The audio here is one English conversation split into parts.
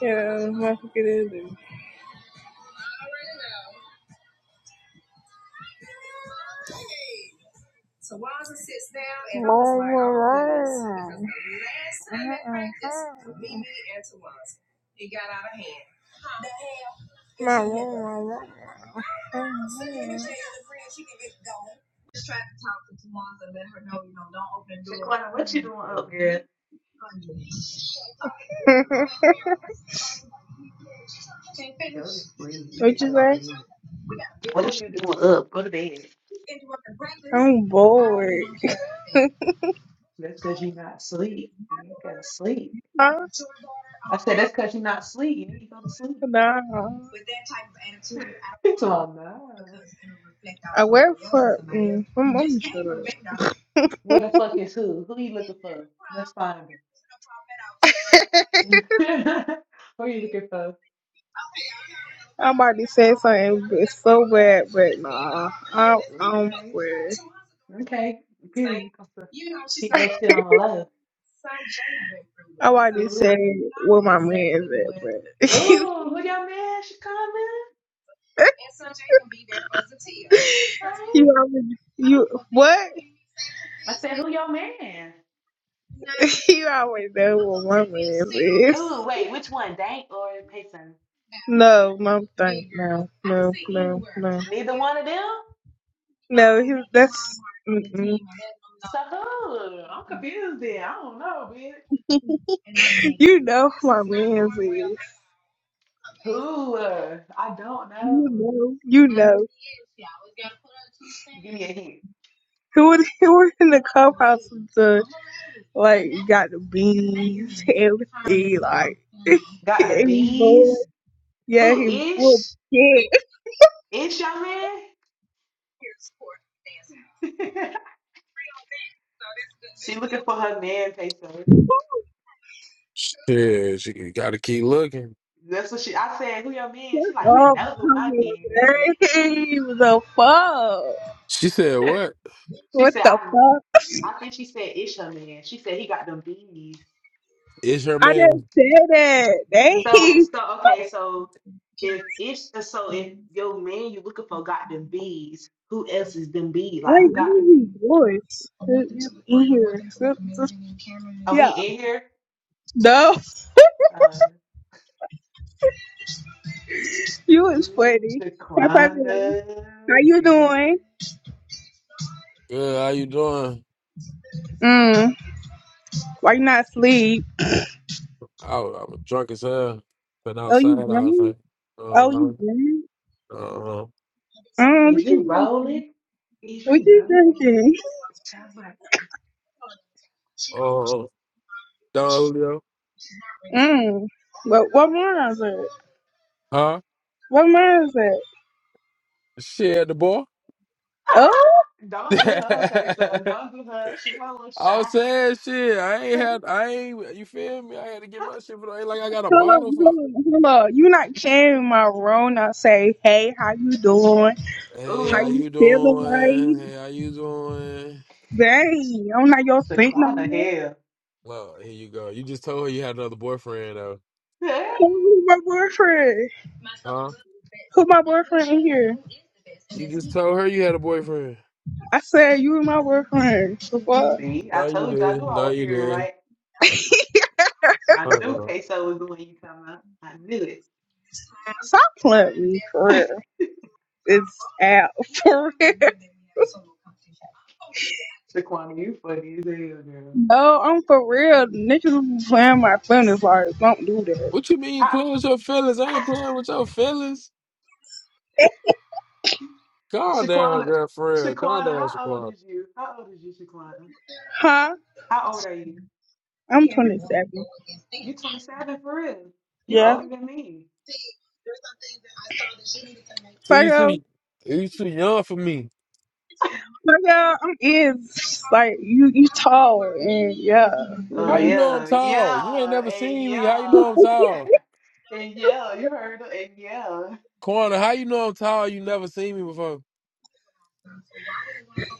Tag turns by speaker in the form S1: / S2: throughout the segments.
S1: Yeah, that's what it is. then. My room, my room.
S2: Shaquana, what you doing up, girl? Go to sleep. You
S1: What
S2: need to
S1: you
S2: go to
S1: say?
S2: bed. What is you doing up? Go to bed.
S1: I'm bored.
S2: That's because you're not sleep. You ain't gotta sleep.
S1: Huh?
S2: I said that's because you're not sleep. You need to go to sleep.
S1: Nah.
S2: So I'm not.
S1: I work for. Mm, I'm, I'm shut up.
S2: Where the fuck is who? Who you looking for? Let's find him. who you looking for?
S1: I'm about to say something but it's so bad, but nah. i I'm
S2: Okay.
S1: weird.
S2: Okay. Period. You supposed to keep that shit on the low.
S1: I
S2: I
S1: about to
S2: feel it.
S1: say where my man's at, but
S2: Oh, who your man, Shaquana? Hey.
S1: you always you what?
S2: I said, who your man?
S1: you always know where my man's is.
S2: Who? wait, which one? Dank or Payson?
S1: No, no, thank no, no, no, no,
S2: Neither one of them?
S1: no. He,
S2: So
S1: that's mm-mm.
S2: so who? I'm confused then. I don't know, bitch.
S1: you know who my man's is.
S2: Who? uh, I don't
S1: You
S2: know.
S1: know, you know.
S2: Give me a hint.
S1: Who would who would in the clubhouse with the like got the beans, everything like
S2: Got the
S1: he boy.
S2: bees?
S1: Yeah,
S2: Who?
S1: he whooped
S2: Ish?
S1: yeah.
S2: Ish, your man? she looking for her man, Payson.
S3: Shit, you gotta keep looking.
S2: That's what she. I said, who your man? She like, you
S1: Oh, up,
S2: know who my man is.
S1: He was a fuck.
S3: She said, "What?
S2: She
S1: What
S2: said,
S1: the
S2: I.
S1: fuck?
S2: I think she said Ish her man. She said he got them bees.
S3: It's your
S1: I just
S3: man.
S1: said that.
S2: So,
S1: They
S2: so okay, so if it's so if your man you looking for got them bees, who else is them bees?
S1: like
S2: Like who
S1: I
S2: got them
S1: don't use
S2: bees?
S1: voice. It's in here. It's- it's-
S2: Oh, he
S1: Yeah.
S2: in here?
S1: No.
S2: Uh,
S1: You is
S2: ooh,
S1: funny. Hi, Pavilion.
S2: Shaquana,
S1: How you
S2: girl.
S1: doing?
S3: Good. How you doing?
S1: Mm. Why you not asleep?
S3: I, was- I was drunk as hell. Been
S1: Oh,
S3: outside
S1: you
S3: all
S1: drunk?
S3: night.
S1: Oh, you
S3: Uh,
S1: drunk?
S3: uh,
S1: Mm,
S2: is
S1: what
S2: you
S1: you drinking?
S2: rolling? Is
S1: What
S2: you
S1: you
S2: rolling?
S1: drinking?
S2: Bitch, I'm like,
S3: uh, Don Julio.
S1: Mm. What what wine is it?
S3: Huh?
S1: What wine is it?
S3: Shit, at the boy.
S1: Oh,
S2: don't do her. Okay, so don't do her. She want a little
S3: I was
S2: shot.
S3: saying shit. I ain't had. I ain't. You feel me? I had to get my shit. But I ain't like I got a
S1: hold
S3: bottle
S1: on,
S3: for.
S1: hold on, hold on. You not sharing my room? I say, hey, how you doing?
S3: Hey,
S1: How
S3: how
S2: Ooh,
S1: you
S3: you
S1: feeling,
S3: doing?
S1: like?
S3: Hey, how you doing?
S1: Dang, I'm not your thing no
S2: Shaquana,
S1: more.
S2: hell.
S3: Well, here you go. You just told her you had another boyfriend though.
S1: Come with my boyfriend.
S3: Huh?
S1: Who my boyfriend in here?
S3: You just told her you had a boyfriend.
S1: I said you and my boyfriend. The fuck?
S2: See, I
S3: No, you
S2: told you I
S3: did.
S2: knew I
S3: No,
S2: was
S3: you
S2: hearing
S3: did.
S2: right. I knew
S3: Uh-uh.
S2: queso was the one you talking about. I knew it.
S1: Stop playing with me for real. It's out for real.
S2: Shaquana, you funny as hell, girl.
S1: No, I'm for real. Niggas be playing my feelings like don't do that.
S3: What you mean you
S2: How,
S3: playing with your feelings? I ain't playing with your feelings. Calm down,
S2: Shaquana,
S3: girlfriend. Calm
S2: Shaquana,
S3: down,
S2: how old
S3: Shaquan.
S2: is you? How old is you, Shaquana?
S1: Huh?
S2: How old are you?
S1: I'm 27.
S2: You 27 for real. You
S1: Yeah.
S2: older than me.
S3: So
S1: Fuck
S3: you
S1: out.
S3: too, you too young for me.
S1: Fuck out. I'm is like you. You tall and yeah. You
S2: Oh
S3: How you
S1: know.
S3: know I'm
S2: yeah,
S3: tall? You ain't
S2: yeah,
S3: never
S2: and
S3: seen me. How you know
S2: yeah,
S3: I'm tall?
S2: and yeah. You heard her, and yeah.
S3: Corner, how you know I'm tall? You never seen me before.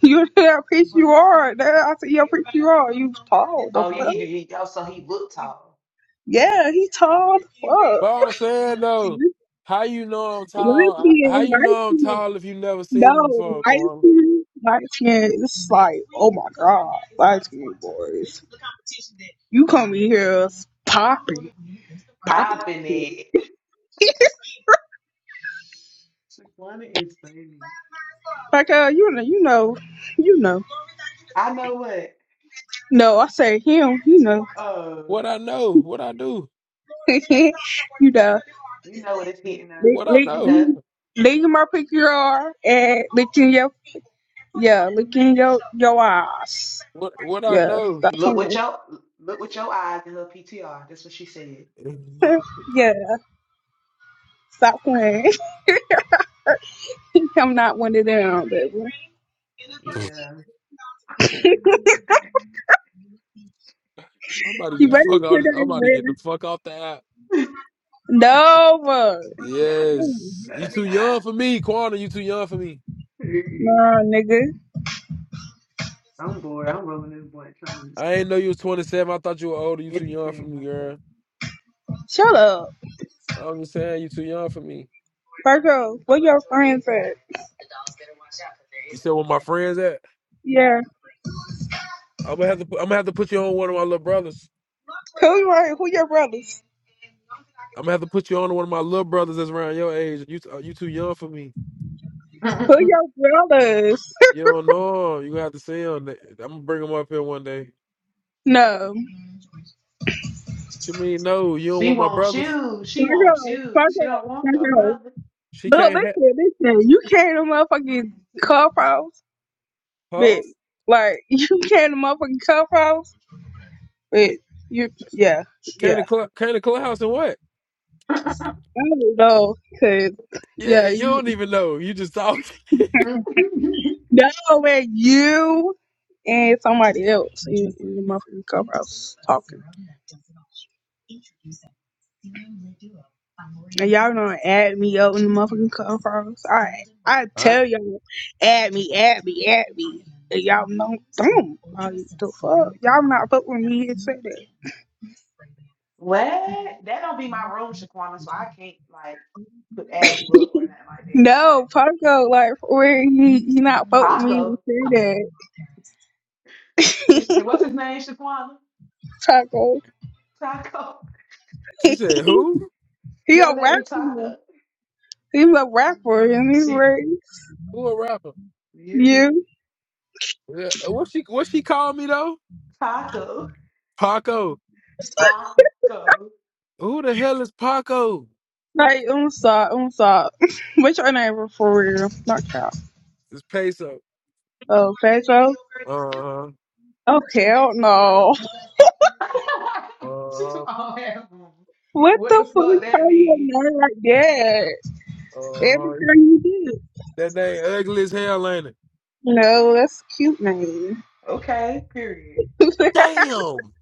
S1: You that preach you are. That I said yeah, I preach you are. You tall.
S2: Oh
S1: Don't
S2: yeah,
S1: though.
S2: he do. He, oh, so he looked tall.
S1: Yeah, he tall. as
S3: But I'm
S1: Fuck.
S3: saying though, how you know I'm
S1: Light
S3: tall? How
S1: skin,
S3: you
S1: light
S3: know I'm
S1: skin.
S3: tall if you never seen me
S1: No,
S3: before,
S1: light
S3: Corner?
S1: skin, light skin. It's like, oh my god, light skin boys. You come in
S2: Screaming,
S1: here popping, popping.
S2: popping it. Shaquana is funny.
S1: Like, uh, you know, you know, you know.
S2: I know what.
S1: No, I say him. You know,
S2: Oh,
S3: What I know? What I do?
S1: you know.
S2: you know what it's hitting on.
S1: Lick,
S3: What I
S1: lick,
S2: You
S3: know?
S2: know.
S1: lick, lick my pick your arm and licking your, yeah, licking your your eyes.
S3: What what I
S1: Yeah,
S3: know?
S1: stop
S2: Look with
S1: playing.
S2: your look with your eyes in her PTR. That's what she said.
S1: yeah. Stop playing. I'm not one of them, baby.
S2: Yeah.
S3: I'm about to
S1: You
S3: get the
S1: ready
S3: fuck
S1: to put
S3: out.
S1: it
S3: I'm
S1: in
S3: about to get the
S1: red?
S3: fuck off the app.
S1: No. uh,
S3: Yes, you too young for me, Quana. You too young for me.
S1: No, nigga.
S2: I'm bored. I'm rolling this blunt trying to
S3: I ain't know you was 27. I thought you were older. You too young for
S2: entertain
S3: me, girl.
S2: myself.
S1: Shut up.
S3: I'm just saying, you too young for me.
S1: Virgo, where your friends at?
S3: You said where my friends at?
S1: Yeah.
S3: I'm gonna have to. Put, I'm gonna have to put you on one of my little brothers.
S1: Who your, who your brothers?
S3: I'm gonna have to put you on to one of my little brothers that's around your age. You t- you too young for me.
S1: Who your brothers?
S3: You don't know him. You gonna have to see him. I'm gonna bring him up here one day.
S1: No.
S3: What you mean no? You don't
S2: she
S3: want my
S2: wants
S3: brothers?
S2: you. She wants
S1: Virgo,
S2: you. She don't
S1: Virgo,
S2: want your
S1: Virgo.
S2: brother.
S3: She
S1: No,
S3: can't have.
S1: listen, listen. You came to motherfucking clubhouse,
S3: Huh?
S1: bitch. Like, you came to motherfucking clubhouse. Wait, you, yeah,
S3: Came to
S1: yeah.
S3: club, came to clubhouse and what?
S1: I don't know, cause
S3: Yeah,
S1: yeah,
S3: you
S1: you,
S3: don't even know. You just talking.
S1: no, when you and somebody else in, in the motherfucking clubhouse talking, and y'all don't add me up in the motherfucking clubhouse. I, I
S3: Huh?
S1: tell y'all, add me, add me, add me. And y'all know, not don't. Like, the fuck, y'all not fuck with me and say that.
S2: what? That don't be my room, Shaquana, so I can't like put add you up or nothing like that.
S1: No,
S2: But
S1: Paco, like, where he, he not fuck with me and
S2: Taco.
S1: say that,
S2: Hey, What's his name, Shaquana?
S1: Paco.
S2: Taco.
S3: She said, "Who?
S1: He a
S2: Your name
S1: rapper.
S2: Taco.
S1: He's a rapper and he's
S2: He-
S1: like
S3: Who a rapper?
S2: You.
S1: you.
S3: Yeah, uh, What she what she called me though?
S2: Taco.
S3: Paco.
S2: Taco.
S3: Who the hell is Paco?
S1: Like I'm sorry, I'm sorry. What's your name for real? Not Cal.
S3: It's Peso.
S1: Oh, Pedro?
S3: Uh huh.
S1: Oh hell no.
S2: She's
S3: Uh huh.
S2: all hammer.
S1: What the
S2: What the fuck
S1: fuck
S2: that
S1: call you a
S2: mean?
S1: name like that? Every
S3: Uh huh.
S1: girl you did.
S3: That name ugly as hell, ain't it?
S1: No, that's a cute name.
S2: Okay, period.
S3: Damn.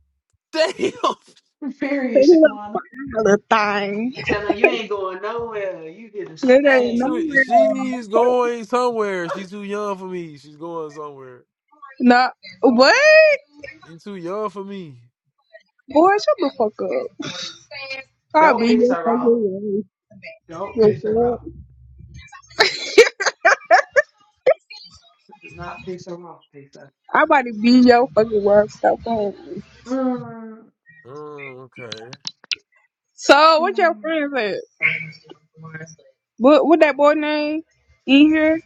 S3: Damn.
S2: Period,
S1: They look
S2: Shaquana.
S1: fine, little thing.
S2: Tell her you ain't going nowhere. You here to
S1: That
S3: She
S1: ain't
S2: stay.
S3: too.
S1: nowhere.
S3: She's going somewhere. She's too young for me. She's going somewhere.
S1: Not what?
S3: You too young for me.
S1: Boy, shut the fuck up. I'll
S2: Don't
S1: be
S2: piss
S1: your
S2: her off.
S1: fucking
S2: Don't piss her
S1: way.
S2: off. Do not piss her off, Pisa.
S1: I about to be your fucking world. Stop playing. with me.
S2: Mm.
S3: Mm, okay.
S1: So, what your
S2: mm.
S1: friends at? What what that boy name? In here?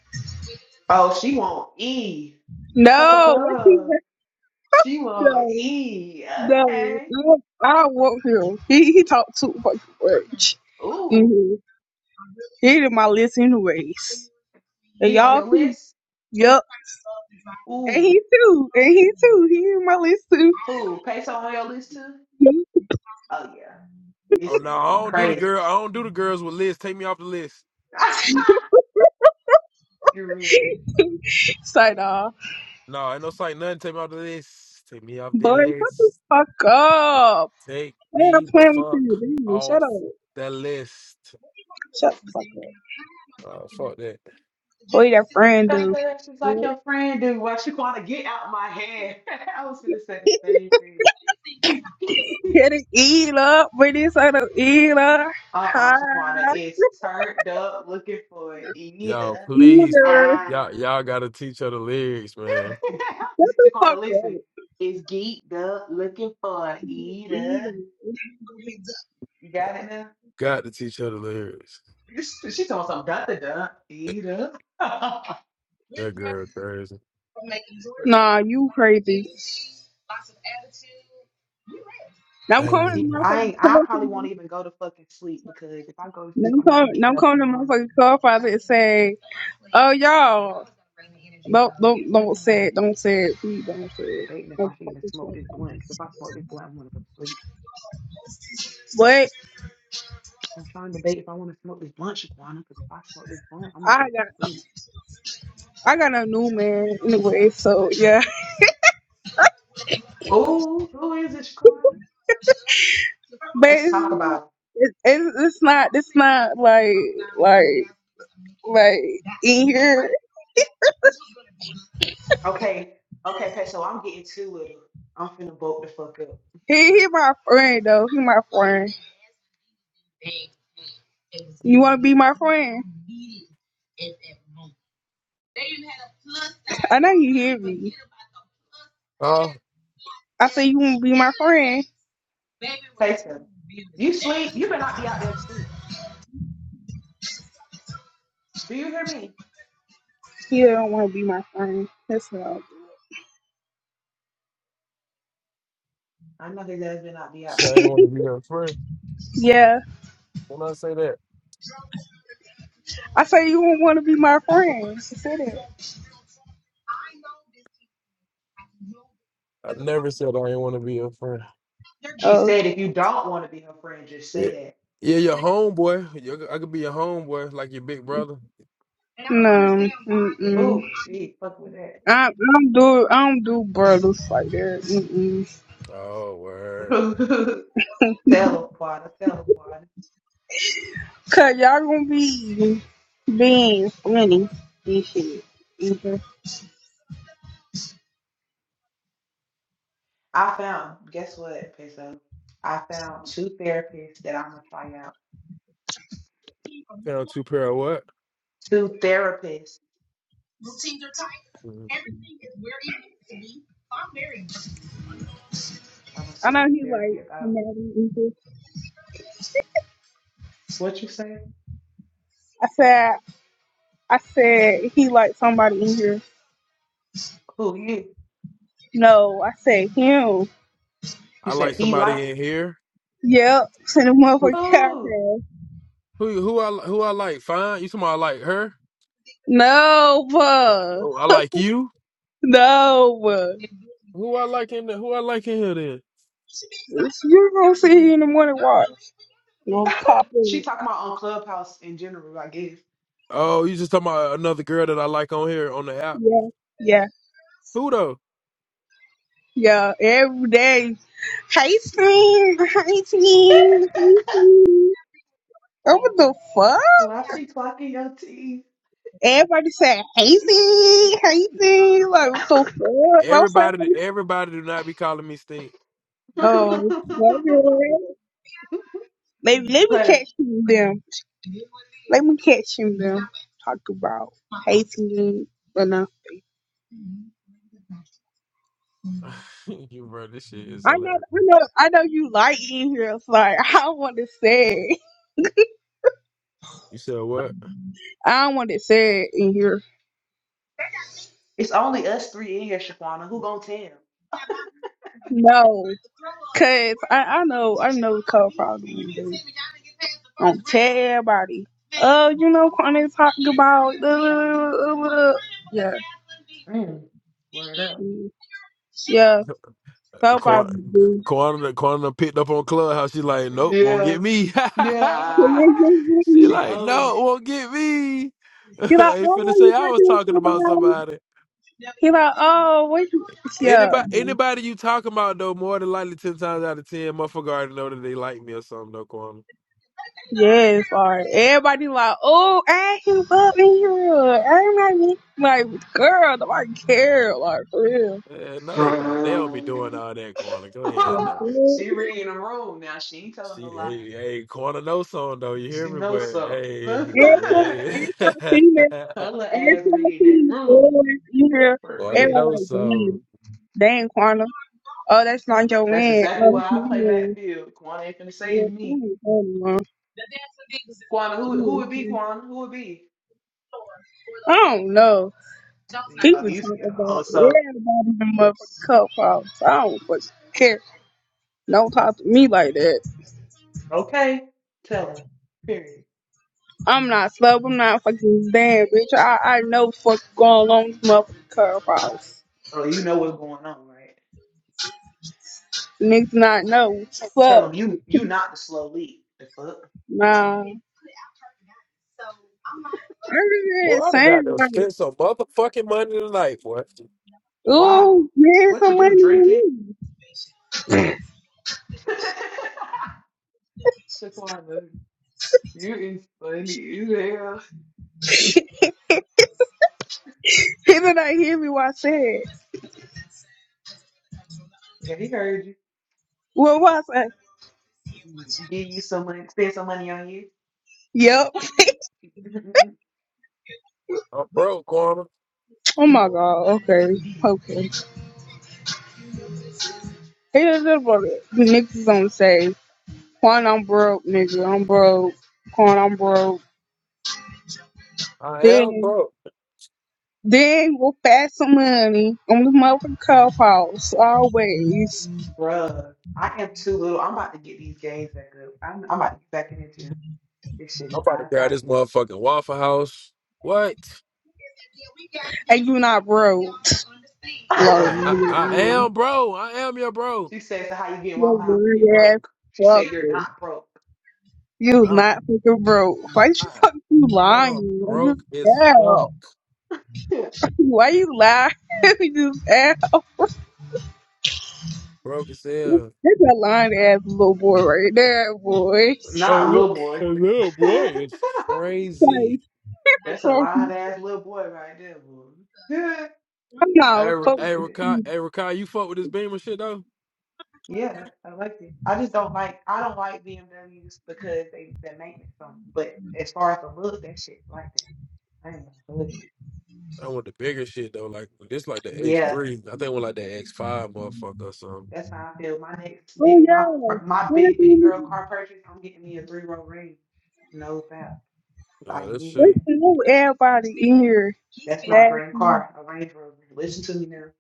S2: Oh, she want E.
S1: No, what he
S2: she want
S1: no,
S2: E.
S1: no.
S2: Okay.
S1: I don't I don't want him. He he talked too fucking much.
S2: Ooh,
S1: Mm-hmm. He did my list anyways. And
S2: he on
S1: y'all
S2: your
S1: too.
S2: list?
S1: Yup. And
S2: Ooh,
S1: he too. And he too. He in my list too.
S2: ooh, Peso on your list too? Oh yeah,
S3: Oh
S2: it's
S3: no,
S2: gonna
S3: I
S2: get
S3: don't do the
S2: crazy.
S3: girl. I don't do the girls with lists. Take me off the list.
S2: Screaming.
S1: so nah.
S3: No, ain't no sight nothing. Take me off the list. Take me off the
S1: Boy, shut the
S3: list.
S1: fuck up.
S3: Take
S1: Man, I'm
S3: me the
S1: playing with
S3: fuck
S1: you. Dude. Shut
S3: off
S1: up.
S3: the list.
S1: Shut the fuck up.
S3: Oh fuck that.
S1: What your friend
S2: That's
S1: do?
S2: that actions like your friend do. Why Shaquana get out my head? I was gonna say the same thing.
S1: Get it eat up, but this ain't no eat up. Hi,
S2: Uh-uh, Shaquana is turned up looking for
S3: Yo,
S2: Eda.
S3: please,
S1: either.
S2: Ah.
S3: y'all, y'all gotta teach her the lyrics, man.
S1: Shut the
S2: Shaquana,
S1: fuck
S2: listen,
S1: up.
S2: is geeked up looking for Eda. You got it now?
S3: Got to teach her the lyrics.
S2: She told me something, Dun dun dun, Eda.
S3: That girl crazy.
S1: Nah, you crazy. Now I'm
S3: I
S2: I
S3: ain't
S1: calling
S2: did.
S1: the
S3: even-
S2: I
S1: motherfucking
S2: ain't, I
S1: cell
S2: probably won't
S1: phone.
S2: even go to fucking sleep because if I go to
S1: Now
S2: sleep,
S1: I'm
S2: I'm not
S1: calling, now
S2: getting
S1: I'm
S2: up in
S1: calling the
S2: the morning
S1: motherfucking cell phone and say, oh, y'all. Don't, don't, don't say it. Don't say it. Please don't say it.
S2: debating if
S1: Don't
S2: I should even
S1: fucking
S2: smoke this blunt. Because if I smoke this blunt, I'm gonna go to sleep.
S1: But
S2: I'm trying to debate if I want to smoke this blunt, Shaquana. Because if I smoke this blunt, I'm gonna
S1: I
S2: go to
S1: got,
S2: sleep.
S1: I got a new man anyway, so yeah.
S2: Ooh, who is it, Shaquana?
S1: but
S2: Let's talk
S1: it's,
S2: about
S1: it's, it's not it's not like like like in here.
S2: it. Okay, okay, Peso. I'm getting to it. I'm finna bolt the fuck up.
S1: He he my friend though. He my friend. You wanna be my friend? I know you hear me.
S3: Oh,
S1: I say you wanna be my friend.
S2: Peso, you sleep. You better not be out there asleep. Do you hear me?
S1: He don't wanna be my friend. That's not.
S2: I know his ass better not be out there
S3: so I ain't want to
S2: asleep.
S3: be her friend.
S1: Yeah.
S3: When I say that,
S1: I say you don't wanna be my friend. She said it.
S3: I never said I ain't want to be her friend.
S2: She
S1: Oh
S2: said, if you don't want to be her friend, just
S3: Yeah,
S2: say that.
S3: yeah, your homeboy. You, I could be your homeboy, like your big brother.
S1: no. Mm mm.
S2: Ooh, she fuck with that.
S1: I, I don't do I don't do brothers like that. Mm-mm.
S3: Oh, word.
S2: Teleporter, teleporter.
S1: Cause y'all gonna be being funny and shit. hmm
S2: I found, guess what, Peso? I found two therapists that I'm gonna try out.
S3: Down two pair of what?
S2: Two therapists.
S3: Mhm.
S2: I'm gonna
S1: I
S2: see
S1: know
S2: what the
S1: he like
S2: therapy about.
S1: somebody in here.
S2: What you say?
S1: I said I said he like somebody in here.
S2: Who you?
S1: No, I said him.
S2: You
S3: I
S2: said
S3: like
S2: he like
S3: somebody in here.
S1: Yep, to the
S3: Who
S1: motherfucking
S2: who?
S1: cocktail.
S3: who who I who I like? Fine. You talking about I like her?
S1: No, bruh.
S3: Oh, I like you.
S1: No, bruh.
S3: Who I like in the, who I like in here then?
S1: You gonna see here in the morning watch. Gonna pop
S2: she
S1: in.
S2: talking about on Clubhouse in general, I guess.
S3: Oh, you just talking about another girl that I like on here on the app.
S1: Yeah, yeah.
S3: Who though?
S1: Yeah, every day. Hey, team. Hey, team. Hey, team. Oh, What the fuck?
S2: Why she clocking your teeth?
S1: Everybody said, hey, team. Hey, team. Like, what the fuck? I am
S3: Everybody
S1: like,
S3: everybody do not be calling me stink.
S1: oh, okay. Maybe, let me
S2: Like,
S1: catch him then. Let me catch him then. Talk about hating you. but no.
S3: you bro, this shit is
S1: I know,
S3: hilarious.
S1: I know, I know you like in here. It's like, I don't want to say it.
S3: You said what?
S1: I don't want to say it in here.
S2: it's only us three in here, Shaquana. Who gonna tell?
S1: No, cause I, I know I know Cole probably gonna tell everybody. Oh, you know, Kwame talking about uh, yeah,
S2: Mm. Word up.
S1: yeah. Cole
S3: Corner,
S1: probably do.
S3: corner, corner picked up on Clubhouse. She like, nope, won't
S2: Yeah.
S3: get me.
S2: Yeah.
S1: He
S3: she
S2: she
S3: like,
S2: owned
S3: no,
S2: it.
S3: won't get me.
S1: like,
S3: Ain't
S1: oh,
S3: finna say
S1: you
S3: I
S1: talking
S3: was
S1: to
S3: talking about
S1: somebody?
S3: somebody.
S1: He like, oh, what? You? Yeah,
S3: Anybody, anybody you talking about though, more than likely ten times out of ten, motherfucker already know that they like me or something. though, corner.
S1: yes. Or everybody like, oh, I him up in here. I'm like, like, girl, nobody care. Like, for
S3: Eh, no, they don't. They don't be doing all that, corner. Go ahead now.
S1: real.
S2: she reading the room now. She ain't telling no
S3: She,
S2: lie.
S3: hey, hey, corner no song though. You
S2: She
S3: hear me?
S2: knows
S3: But
S2: so.
S3: hey,
S2: Her
S1: And some females,
S3: hey.
S2: little
S1: and
S2: ass
S1: some
S2: reading that
S1: females boys
S2: room
S1: in here,
S2: for
S3: corner
S2: real.
S1: everyone
S3: no
S1: like,
S3: song.
S1: damn, dang, Quanah. Oh, that's not your
S2: That's
S1: man.
S2: exactly
S1: Oh,
S2: why
S1: that's
S2: I
S1: my
S2: play
S1: man.
S2: backfield. Kwana ain't finna
S1: Yeah,
S2: save
S1: I
S2: me.
S1: don't
S2: Kwana, who who would be Kwana? Who would be? He-
S1: know. I don't know.
S2: Oh,
S1: People
S2: you,
S1: talk
S2: oh,
S1: about
S2: so
S1: everybody in the motherfucking cup house. I don't fucking care. Don't talk to me like that.
S2: okay. Tell him. Period.
S1: I'm not slow. I'm not fucking damn bitch. I I know what's going on with this motherfucking cup house.
S2: Oh, you know what's going on, right?
S1: Niggas not know. Fuck.
S2: Tell him you you not the slow lead. The fuck?
S1: No, everything
S3: Boy, i
S1: is
S3: done got
S1: saying
S3: to
S1: like,
S3: spend some motherfucking money tonight, boy.
S2: Why?
S1: oh, man,
S2: What you
S1: some
S2: do?
S1: money
S2: Drinking?
S1: with me.
S2: Shaquana, you is funny as hell.
S1: People not hear me what I said.
S2: Yeah, he heard you.
S1: Well, what I said?
S2: Give you some money, spend some money on you.
S1: Yep.
S3: I'm broke, Karma.
S1: Oh my God. Okay. Okay. He just did about it. The niggas gonna say, Quan, I'm broke, nigga. I'm broke. Quan, I'm broke.
S3: I am
S1: Then,
S3: broke.
S1: then we'll pass some money on the motherfucking clubhouse always.
S2: Bruh, I am too little. I'm about to get these games back up. I'm, I'm about to get back in the gym. This shit
S3: I'm
S2: is
S3: about
S2: out
S3: to
S2: of
S3: grab this
S2: pocket.
S3: motherfucking Waffle House. What?
S1: And you not broke. Love.
S3: I I, I
S1: You
S3: am bro. I am your bro.
S2: she said, so how you getting Waffle House if you
S1: You're ass
S2: broke? She said, you're
S1: fucker.
S2: not broke.
S1: You
S3: I,
S1: not fucking broke. Why you
S3: I
S1: fuck you
S3: I'm
S1: lying? I just
S3: broke as fuck.
S1: fell. Why you lying? you just fell.
S3: Broke as hell.
S1: That's a lying ass little boy right there, boy.
S3: A
S2: not
S3: little,
S2: little boy.
S3: a little boy is
S1: Like,
S3: crazy.
S2: That's a
S1: fuck, you.
S2: lying ass little boy right there, boy.
S1: I'm
S2: To
S3: Hey,
S1: not
S3: Ra-
S2: God is
S1: fucking
S3: hey,
S1: with
S3: Rakai,
S1: you.
S3: hey, Rakai, you fuck with this Beamer shit though?
S2: Yeah, I like it. I just don't like I don't like BMWs because they the maintenance on 'em. But as far as the look, that shit like that. I ain't gonna hold
S3: I want the bigger shit though, like this, like
S2: you.
S3: the X
S2: Yeah,
S3: three. I think I want like the X five, motherfucker, or something.
S2: that's how I feel. My next
S1: Oh
S2: big my
S1: yeah.
S2: fir- my
S1: Where's
S2: big big girl
S1: the-
S2: car purchase, I'm getting me a three row range. No doubt. 'cause I
S3: Uh, this
S2: need
S1: where's
S3: shit.
S2: that.
S1: the new everybody in here
S2: That's my dream
S1: laughing?
S2: car, a Range Rover. Listen to me now.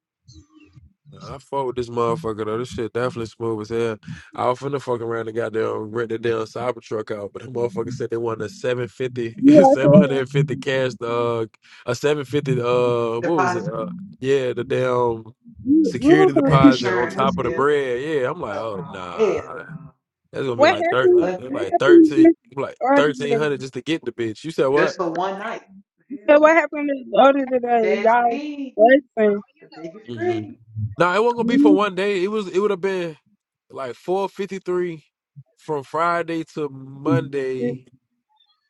S3: I fought with this motherfucker though. This shit definitely smooth as hell. I was finna fuck around and goddamn rent the damn cyber truck out, but the motherfucker said they wanted a seven fifty,
S1: You out
S3: seven
S1: there?
S3: hundred fifty cash, uh, a 750, uh, what was it?
S2: Deposit,
S3: Uh, yeah, the damn
S1: You you
S3: security
S1: don't fuck
S2: the
S3: deposit
S1: people
S3: on
S2: insurance,
S3: top
S1: like
S3: of the
S1: this.
S2: yeah.
S3: bread. Yeah, I'm like,
S2: Oh
S3: oh,
S2: nah,
S3: nah,
S2: hell no.
S3: that's gonna be
S1: What
S2: Yeah.
S3: like
S1: happened?
S3: thirteen,
S2: Fuck
S1: What
S3: like
S2: that.
S1: happened
S3: 13,
S1: with
S3: like
S1: the other
S3: 1300 just
S1: day?
S3: to get the bitch. You said what?
S2: Just for one night. Hell
S1: So
S2: no.
S1: what happened with the other
S2: That's B,
S1: day? Y'all
S2: the biggest
S3: hmm
S2: three.
S3: No, it wasn't gonna
S1: Come
S3: be for one day. It was. It would have been like four fifty three from Friday to Monday,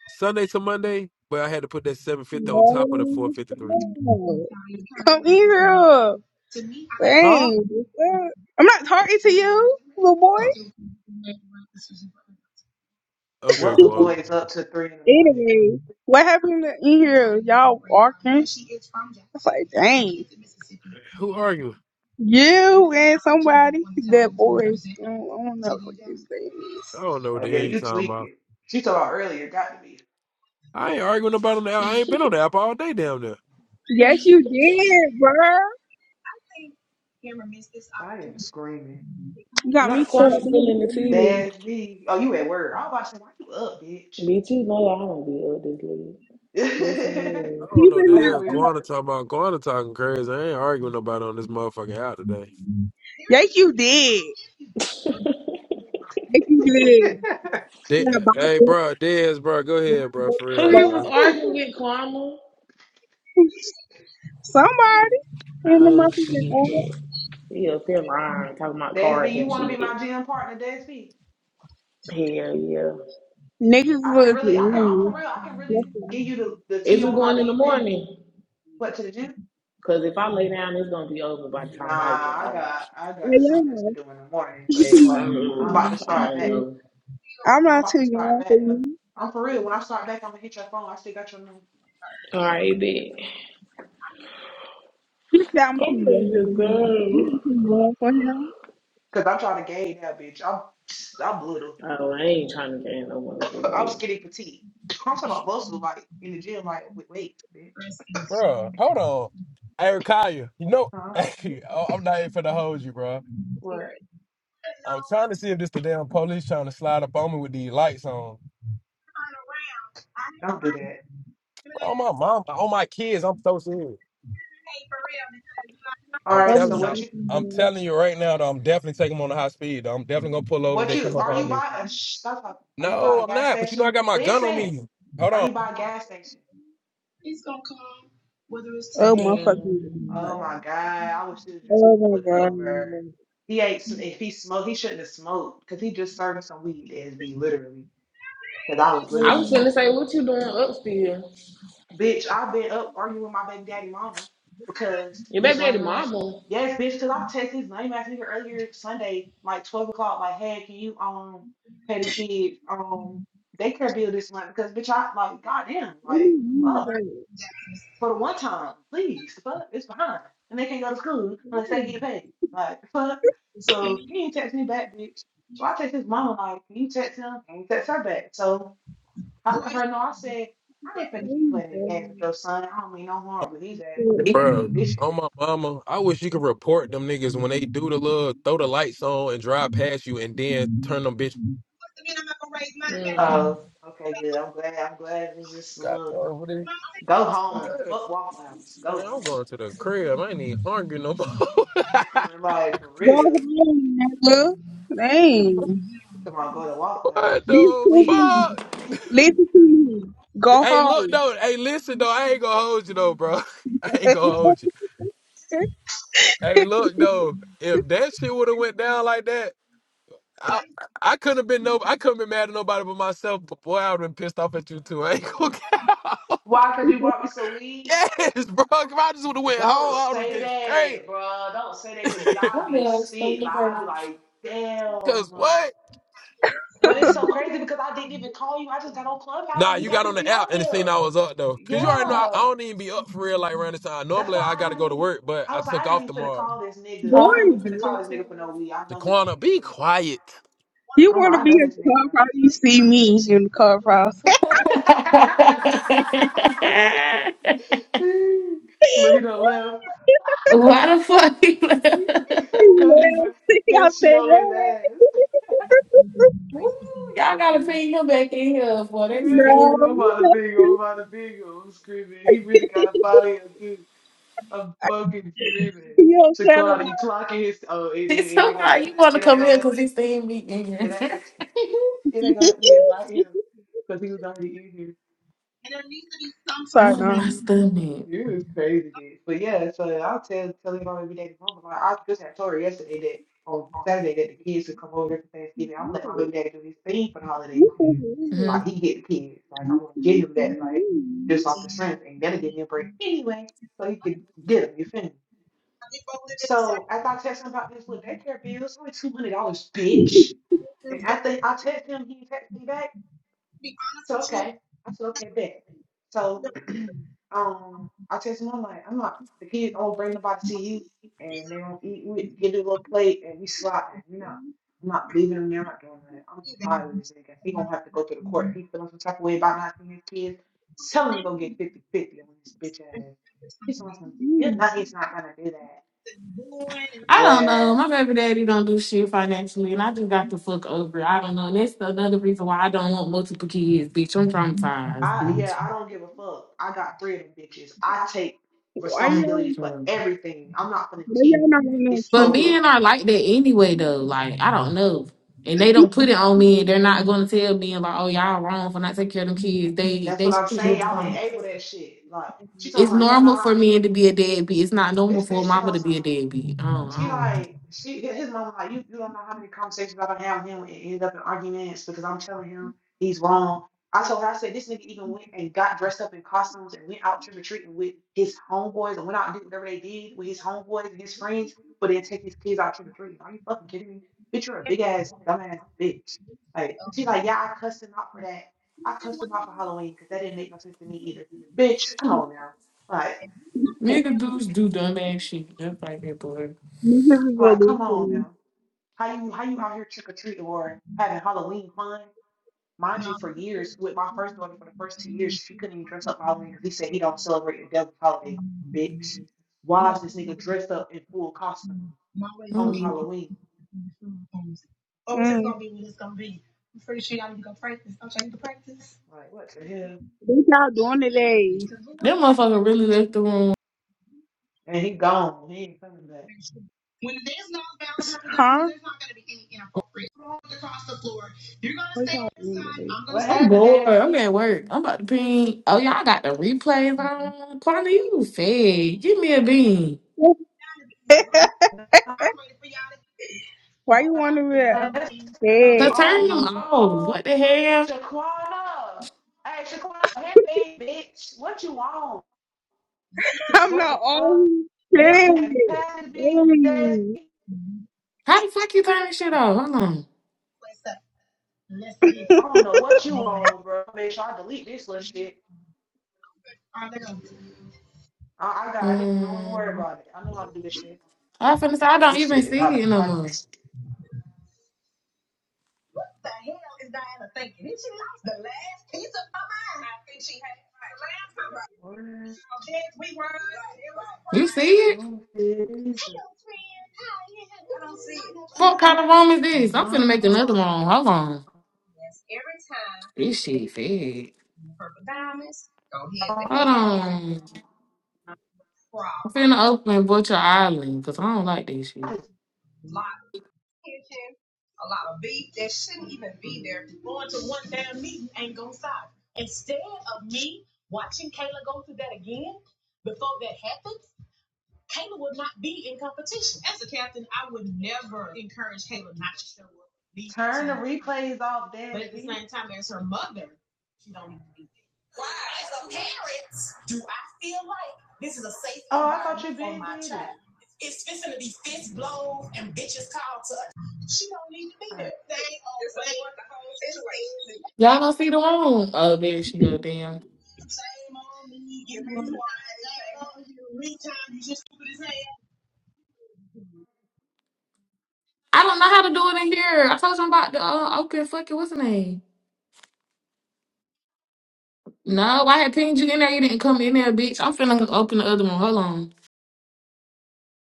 S3: Sunday to Monday. But I had to put that seven fifty on top of the four fifty three.
S1: here.
S3: Huh?
S1: Dang. I'm not talking to you, little boy.
S3: Oh, okay,
S2: What
S3: come
S2: the
S3: on.
S2: boy is up to three in the morning?
S1: Anyway, what happened in here? Y'all walking? It's like, dang.
S3: Who arguing?
S1: You and somebody, that boy. I don't know what his name
S3: I
S1: is.
S3: don't know what
S2: Oh
S3: the
S2: yeah,
S3: hell you
S2: you
S3: talking
S2: tweak
S3: about.
S2: it. She told her earlier, got to be.
S3: I ain't arguing about on the app. I ain't been on the app all day down there.
S1: Yes, you did, bruh.
S2: I am screaming.
S1: You got me
S4: Not
S1: fucked up.
S4: Kwame still in the
S1: for
S4: team.
S1: real.
S2: That's B. Oh, you at work? I was about why you up, bitch?
S4: Bitch, you know I don't be up this late. This
S3: I
S4: ain't
S1: He
S3: don't
S4: that
S3: know what the
S2: I'm
S1: was
S3: hell
S2: over here
S1: not up.
S3: Guana talking about. Guana talking crazy. I ain't arguing nobody on this motherfucking out today.
S1: Yes, you did. If
S2: like.
S1: yeah,
S3: De-
S1: buy
S3: hey,
S1: books,
S3: bro, Dez, bro, go
S1: buy
S3: ahead, bro,
S1: books,
S3: for
S4: Who
S3: real,
S1: buy
S4: he was
S3: bro.
S4: arguing with, Kwame?
S1: somebody in the
S4: Oh, shit.
S1: motherfucking ass.
S4: He up there lying, talking about
S2: That's B,
S4: cars
S2: you
S4: and
S2: want to be
S4: shit.
S2: my gym partner, That's B.
S4: Hell yeah.
S1: Niggas
S2: I can
S1: was
S2: really, I can, I'm for
S1: lame.
S2: real. I can really give
S1: Listen,
S2: you the, the tea
S4: Is we
S2: on how
S4: going
S2: to,
S4: in the
S2: you feel me?
S4: morning?
S2: What to the gym?
S4: Because if I lay down, it's going to be over by the
S2: Nah,
S4: time I get
S2: I
S4: out.
S2: got I
S1: yeah,
S2: got something else to
S1: you
S2: do in the morning,
S1: she
S2: but
S1: too young for
S2: I'm
S4: Oh,
S2: about to
S1: me.
S4: I
S1: She
S2: start
S4: don't
S2: back.
S1: too-
S4: know.
S1: I'm
S2: I'm
S1: not
S2: about
S1: too
S2: to start
S1: young for
S2: back
S1: you.
S2: though. I'm for real. When I start back, I'm gonna hit your phone. I still got your number.
S4: All right, bitch.
S1: He said I'm too
S4: I'm ready
S1: young for
S4: to
S1: you. You
S4: go.
S1: not too young for him.
S2: Cause I'm trying to gauge that bitch. I'm I'm little.
S4: Oh, I ain't trying to gain no motherfucker
S2: I'm
S4: weight.
S2: skinny petite. I'm talking about muscle like in the gym, like with weights, bitch.
S3: Bro, hold on. Eric you know,
S2: Huh?
S3: hey, I- I'm not here for the hold you, bro.
S2: What?
S3: I'm trying to see if this the damn police trying to slide up on me with these lights on.
S2: Don't do that.
S3: Bro, my mom, all my kids, I'm so serious.
S2: All
S3: I'm
S1: Oh
S2: right.
S3: telling
S2: So
S3: y'all,
S2: what you
S1: motherfucking
S3: I'm
S1: god.
S3: telling you right now that I'm definitely taking them on the high speed. though. I'm definitely gonna pull over if
S2: what
S3: they
S2: you
S3: come up
S2: are
S3: on
S2: you
S3: me.
S2: by a shh, stop talking. Are you by
S3: No,
S2: a
S3: I'm
S2: gas
S3: not, but you know
S2: station?
S3: I got my gun on
S2: Listen.
S3: me. Hold
S2: Are
S3: on.
S2: you by a gas station?
S1: Oh
S4: Yeah.
S1: motherfucking god.
S2: Oh my God. I wish he was just
S1: Oh my
S2: pulled
S1: god.
S2: over.
S1: Oh
S2: He ate, some- if he smoked, he shouldn't have smoked because he just served some weed to SB, literally. Because I was
S4: I was
S2: literally,
S4: gonna say, what you doing up still?
S2: bitch, I've been up arguing with my baby daddy mama because
S4: Your
S2: this
S4: baby daddy
S2: lame ass,
S4: mama.
S2: yes, bitch, because I texted this lame ass nigga earlier Sunday, like 12 o'clock, like, hey, can you um pay the kids um daycare bill this month? Because, bitch, I, like, goddamn, like,
S1: my
S2: fuck.
S1: god.
S2: for the one time, please, the fuck, it's behind. And they can't go to school unless they get paid. Like, the fuck. So he ain't text me back, bitch. So I text his mama, like, can you text him? Can you text her back? So I let her know, I said, I ain't finna
S1: Oh
S2: keep
S1: my
S2: playing these games
S1: god.
S2: with your son. I don't mean no harm, but he's at
S1: Go
S2: you,
S3: Bro,
S2: this shit.
S3: on
S2: is-
S3: my mama, I wish you could report them niggas when they do the little throw the lights on and drive past you and then turn them bitch.
S4: Mm.
S2: Oh, okay, good. I'm glad. I'm glad it was just a
S3: God,
S2: little
S3: bro, what
S2: go home.
S3: is?
S2: Fuck Waffle House. Go
S3: Man, I'm going
S2: home.
S3: to the crib. I ain't even hungry no more.
S2: Mm, Like, for real.
S1: home, nigga. Dang.
S2: You talking about go to Waffle
S3: what
S2: House. You
S1: Listen
S3: the
S1: to
S2: tweaking.
S3: fuck?
S1: me. Listen to me. Go
S3: Hey, look
S1: home.
S3: though. Hey, listen though. I ain't gonna hold you though, bro. I ain't gonna hold you. Hey, look though. If that shit would have went down like that, I I couldn't have been no. I couldn't been mad at nobody but myself. But boy, I would have been pissed off at you too. I ain't gonna.
S2: Why? Because you brought me some weed?
S3: yes, bro. If I just would have went
S2: Don't
S3: home, I would have
S2: say
S3: get straight.
S2: that, bro. Don't say that because then I'd
S4: One
S2: be
S4: day I was
S2: sick.
S4: thinking
S2: Like
S4: like,
S2: I'd be like,
S3: Cause
S2: damn,
S3: what?
S2: like. But it's so crazy because I didn't even call you. I just got on Clubhouse
S3: Nah,
S2: and you
S3: you got
S2: happened
S3: on
S2: to
S3: the
S2: be up
S3: app and it seen
S2: here.
S3: I was up though. Cause you already know I, I
S2: Yeah,
S3: don't even be up for real like around this time.
S2: that's
S3: Normally I
S2: why I
S3: gotta
S2: didn't.
S3: go to
S2: Even,
S3: work, but
S2: I
S3: I
S2: was like,
S3: took
S2: I ain't
S3: off
S2: even finna
S3: tomorrow.
S2: call this nigga.
S1: Boy,
S2: I
S4: oh,
S2: ain't even
S4: what you
S2: finna call this
S4: think
S1: damn.
S4: to-
S2: nigga for no weed. I know he gonna
S3: Daquana,
S2: be
S3: be
S2: sweet.
S3: quiet.
S1: You
S2: I'm
S1: want
S2: like,
S1: to
S2: I
S1: be
S2: know
S1: in
S2: this nigga gonna
S1: clubhouse?
S2: be
S1: You
S2: sweet.
S1: see me in the clubhouse. yeah.
S2: Look, he done left.
S4: Why the fuck? he
S1: I
S4: left?
S2: Cause he, cause she
S1: said
S2: on his
S1: that.
S2: ass.
S4: Woo, Y'all gotta pay him back in here, boy. That's
S1: no.
S2: Mm, I'm
S4: good.
S2: about to bingo, I'm about to bingo. I'm screaming. He really got a body of too. I'm fucking screaming.
S1: You don't tell
S2: Shaquan, you
S1: about
S2: clocking his oh it,
S4: It's
S2: it, it
S4: so
S2: ain't gonna
S4: hard.
S2: let
S4: You want to
S2: it ain't
S4: come
S2: gonna
S4: here
S2: let
S4: because he's seeing me in here.
S2: it ain't it ain't gonna let me invite him because he was already in here.
S1: I'm sorry,
S4: Oh,
S1: no.
S4: my stomach.
S2: You is crazy, bitch. But yeah, so I'll tell tell him every day. Mom, like I just had told her yesterday that on Saturday that the kids would come over for Thanksgiving. I'm gonna let my baby daddy do his thing for the holidays
S1: You
S2: and
S1: so
S2: shit.
S1: weird.
S4: hmm
S2: Like he get the kids. Like
S1: Why
S2: I'm gonna get him that like just off the strength and that'll give me a break anyway. So he can get him, you feel me? So after I text him about this little daycare bill, it's only two hundred dollars, bitch. And after I text him, he text me back. I said, okay. I said, okay, bet. So um I text him, I'm like, I'm not the kids don't bring nobody to you and they don't eat we get a little plate and we slide you know. I'm not leaving them there, I'm not doing that. I'm tired of this nigga. He gonna have to go to the court. He feeling some type of way about not seeing his kids. Tell him to go get fifty fifty on this bitch ass. He's on some, you know, he's not gonna do that.
S4: I don't know.
S2: Well,
S4: My baby daddy don't do shit financially, and I just got the fuck over it. I don't know. And that's another reason why I don't want multiple kids, bitch. I'm
S2: I
S4: traumatized.
S2: yeah, I don't give a fuck. I got three of them bitches. I take
S4: Mm.
S1: y'all?
S2: responsibility for
S4: Mm.
S2: everything. I'm not gonna
S1: Why
S2: keep
S1: y'all
S2: doing
S1: not
S2: that.
S1: on that
S2: It's
S4: But
S2: over.
S1: kid?
S4: men are like that anyway, though. Like I don't know, and they don't put it on men. They're not going to tell men like, "Oh, y'all wrong for not taking care of them kids." They
S2: That's
S4: they
S2: what I'm saying.
S4: it's
S2: Y'all
S4: normal.
S2: enable that shit. Like she talks
S4: It's
S2: on, you don't know
S4: normal for
S2: how
S4: men
S2: many
S4: to be a deadbeat. It's not normal
S2: this
S4: for a
S2: bitch talking
S4: mama to be a
S2: about
S4: deadbeat. I don't,
S2: She
S4: I don't know.
S2: like she his mom like you you don't know how many conversations I don't have with him and end up in arguments because I'm telling him he's wrong. I told her I said this nigga even went and got dressed up in costumes and went out trick or treating with his homeboys and went out and did whatever they did with his homeboys and his friends, but then take his kids out trick or treating. Are you fucking kidding me? Bitch, you're a big ass dumbass bitch. Like she's like yeah I cussed him out for that. I cussed him out for Halloween because that didn't make no sense to me either. Bitch, come on now. Like
S4: Nigga dudes do dumb ass shit. That's like that boy.
S1: Niggas is
S2: like come on
S1: illusion.
S2: now. How you how you out here trick or treating or having Halloween fun? Mind you, for years with my first daughter, for the first two years, she couldn't even dress up Halloween because he said he don't celebrate the devil's holiday, bitch. Why is this nigga dressed up in full costume on
S4: Mm.
S2: Halloween? Like what the hell?
S1: What y'all doing today?
S4: That motherfucker really left the room.
S2: And he gone. He ain't coming back. What
S4: I'm
S2: happened,
S4: bored. I'm
S2: Daisy?
S4: at work. I'm about to pee. Oh, y'all got the replays on. Partner, you fed. Give me a bean.
S1: on.
S2: let
S1: Why
S4: Cause turn them
S1: bed?
S4: off.
S2: all
S4: What the hell?
S2: Shaquana. Hey, Shaquana, hit me, bitch. What you on?
S1: I'm
S2: What
S1: not
S2: the fuck?
S1: on
S2: They
S1: bed.
S2: had passes being that.
S1: Hey.
S4: How the fuck you turn this shit off? Hold on.
S2: I don't know what you on, bro. Make sure I delete this little shit. I, I got it. Don't even worry
S4: Um,
S2: about it. I know how to do this shit.
S4: I finna say I don't
S2: This shit
S4: even
S2: is out
S4: see it
S2: of
S4: no
S2: pocket.
S4: more.
S2: What? I
S4: You see it?
S2: don't see it either.
S4: What kind of room is this? I'm finna make another
S2: No.
S4: room. Hold on. This shit fed. Hold on. I'm finna open Butcher Island because I don't like this shit.
S2: just turn the replays off, Dansby. Oh, I thought you been did it. All right.
S4: Y'all don't see the room? Oh, there she go. Damn. I don't know how to do it in here. I told you I'm about to uh, open fucking what's the name? No, I had pinged you in there. You didn't come in there, bitch. I'm finna open the other one. Hold on.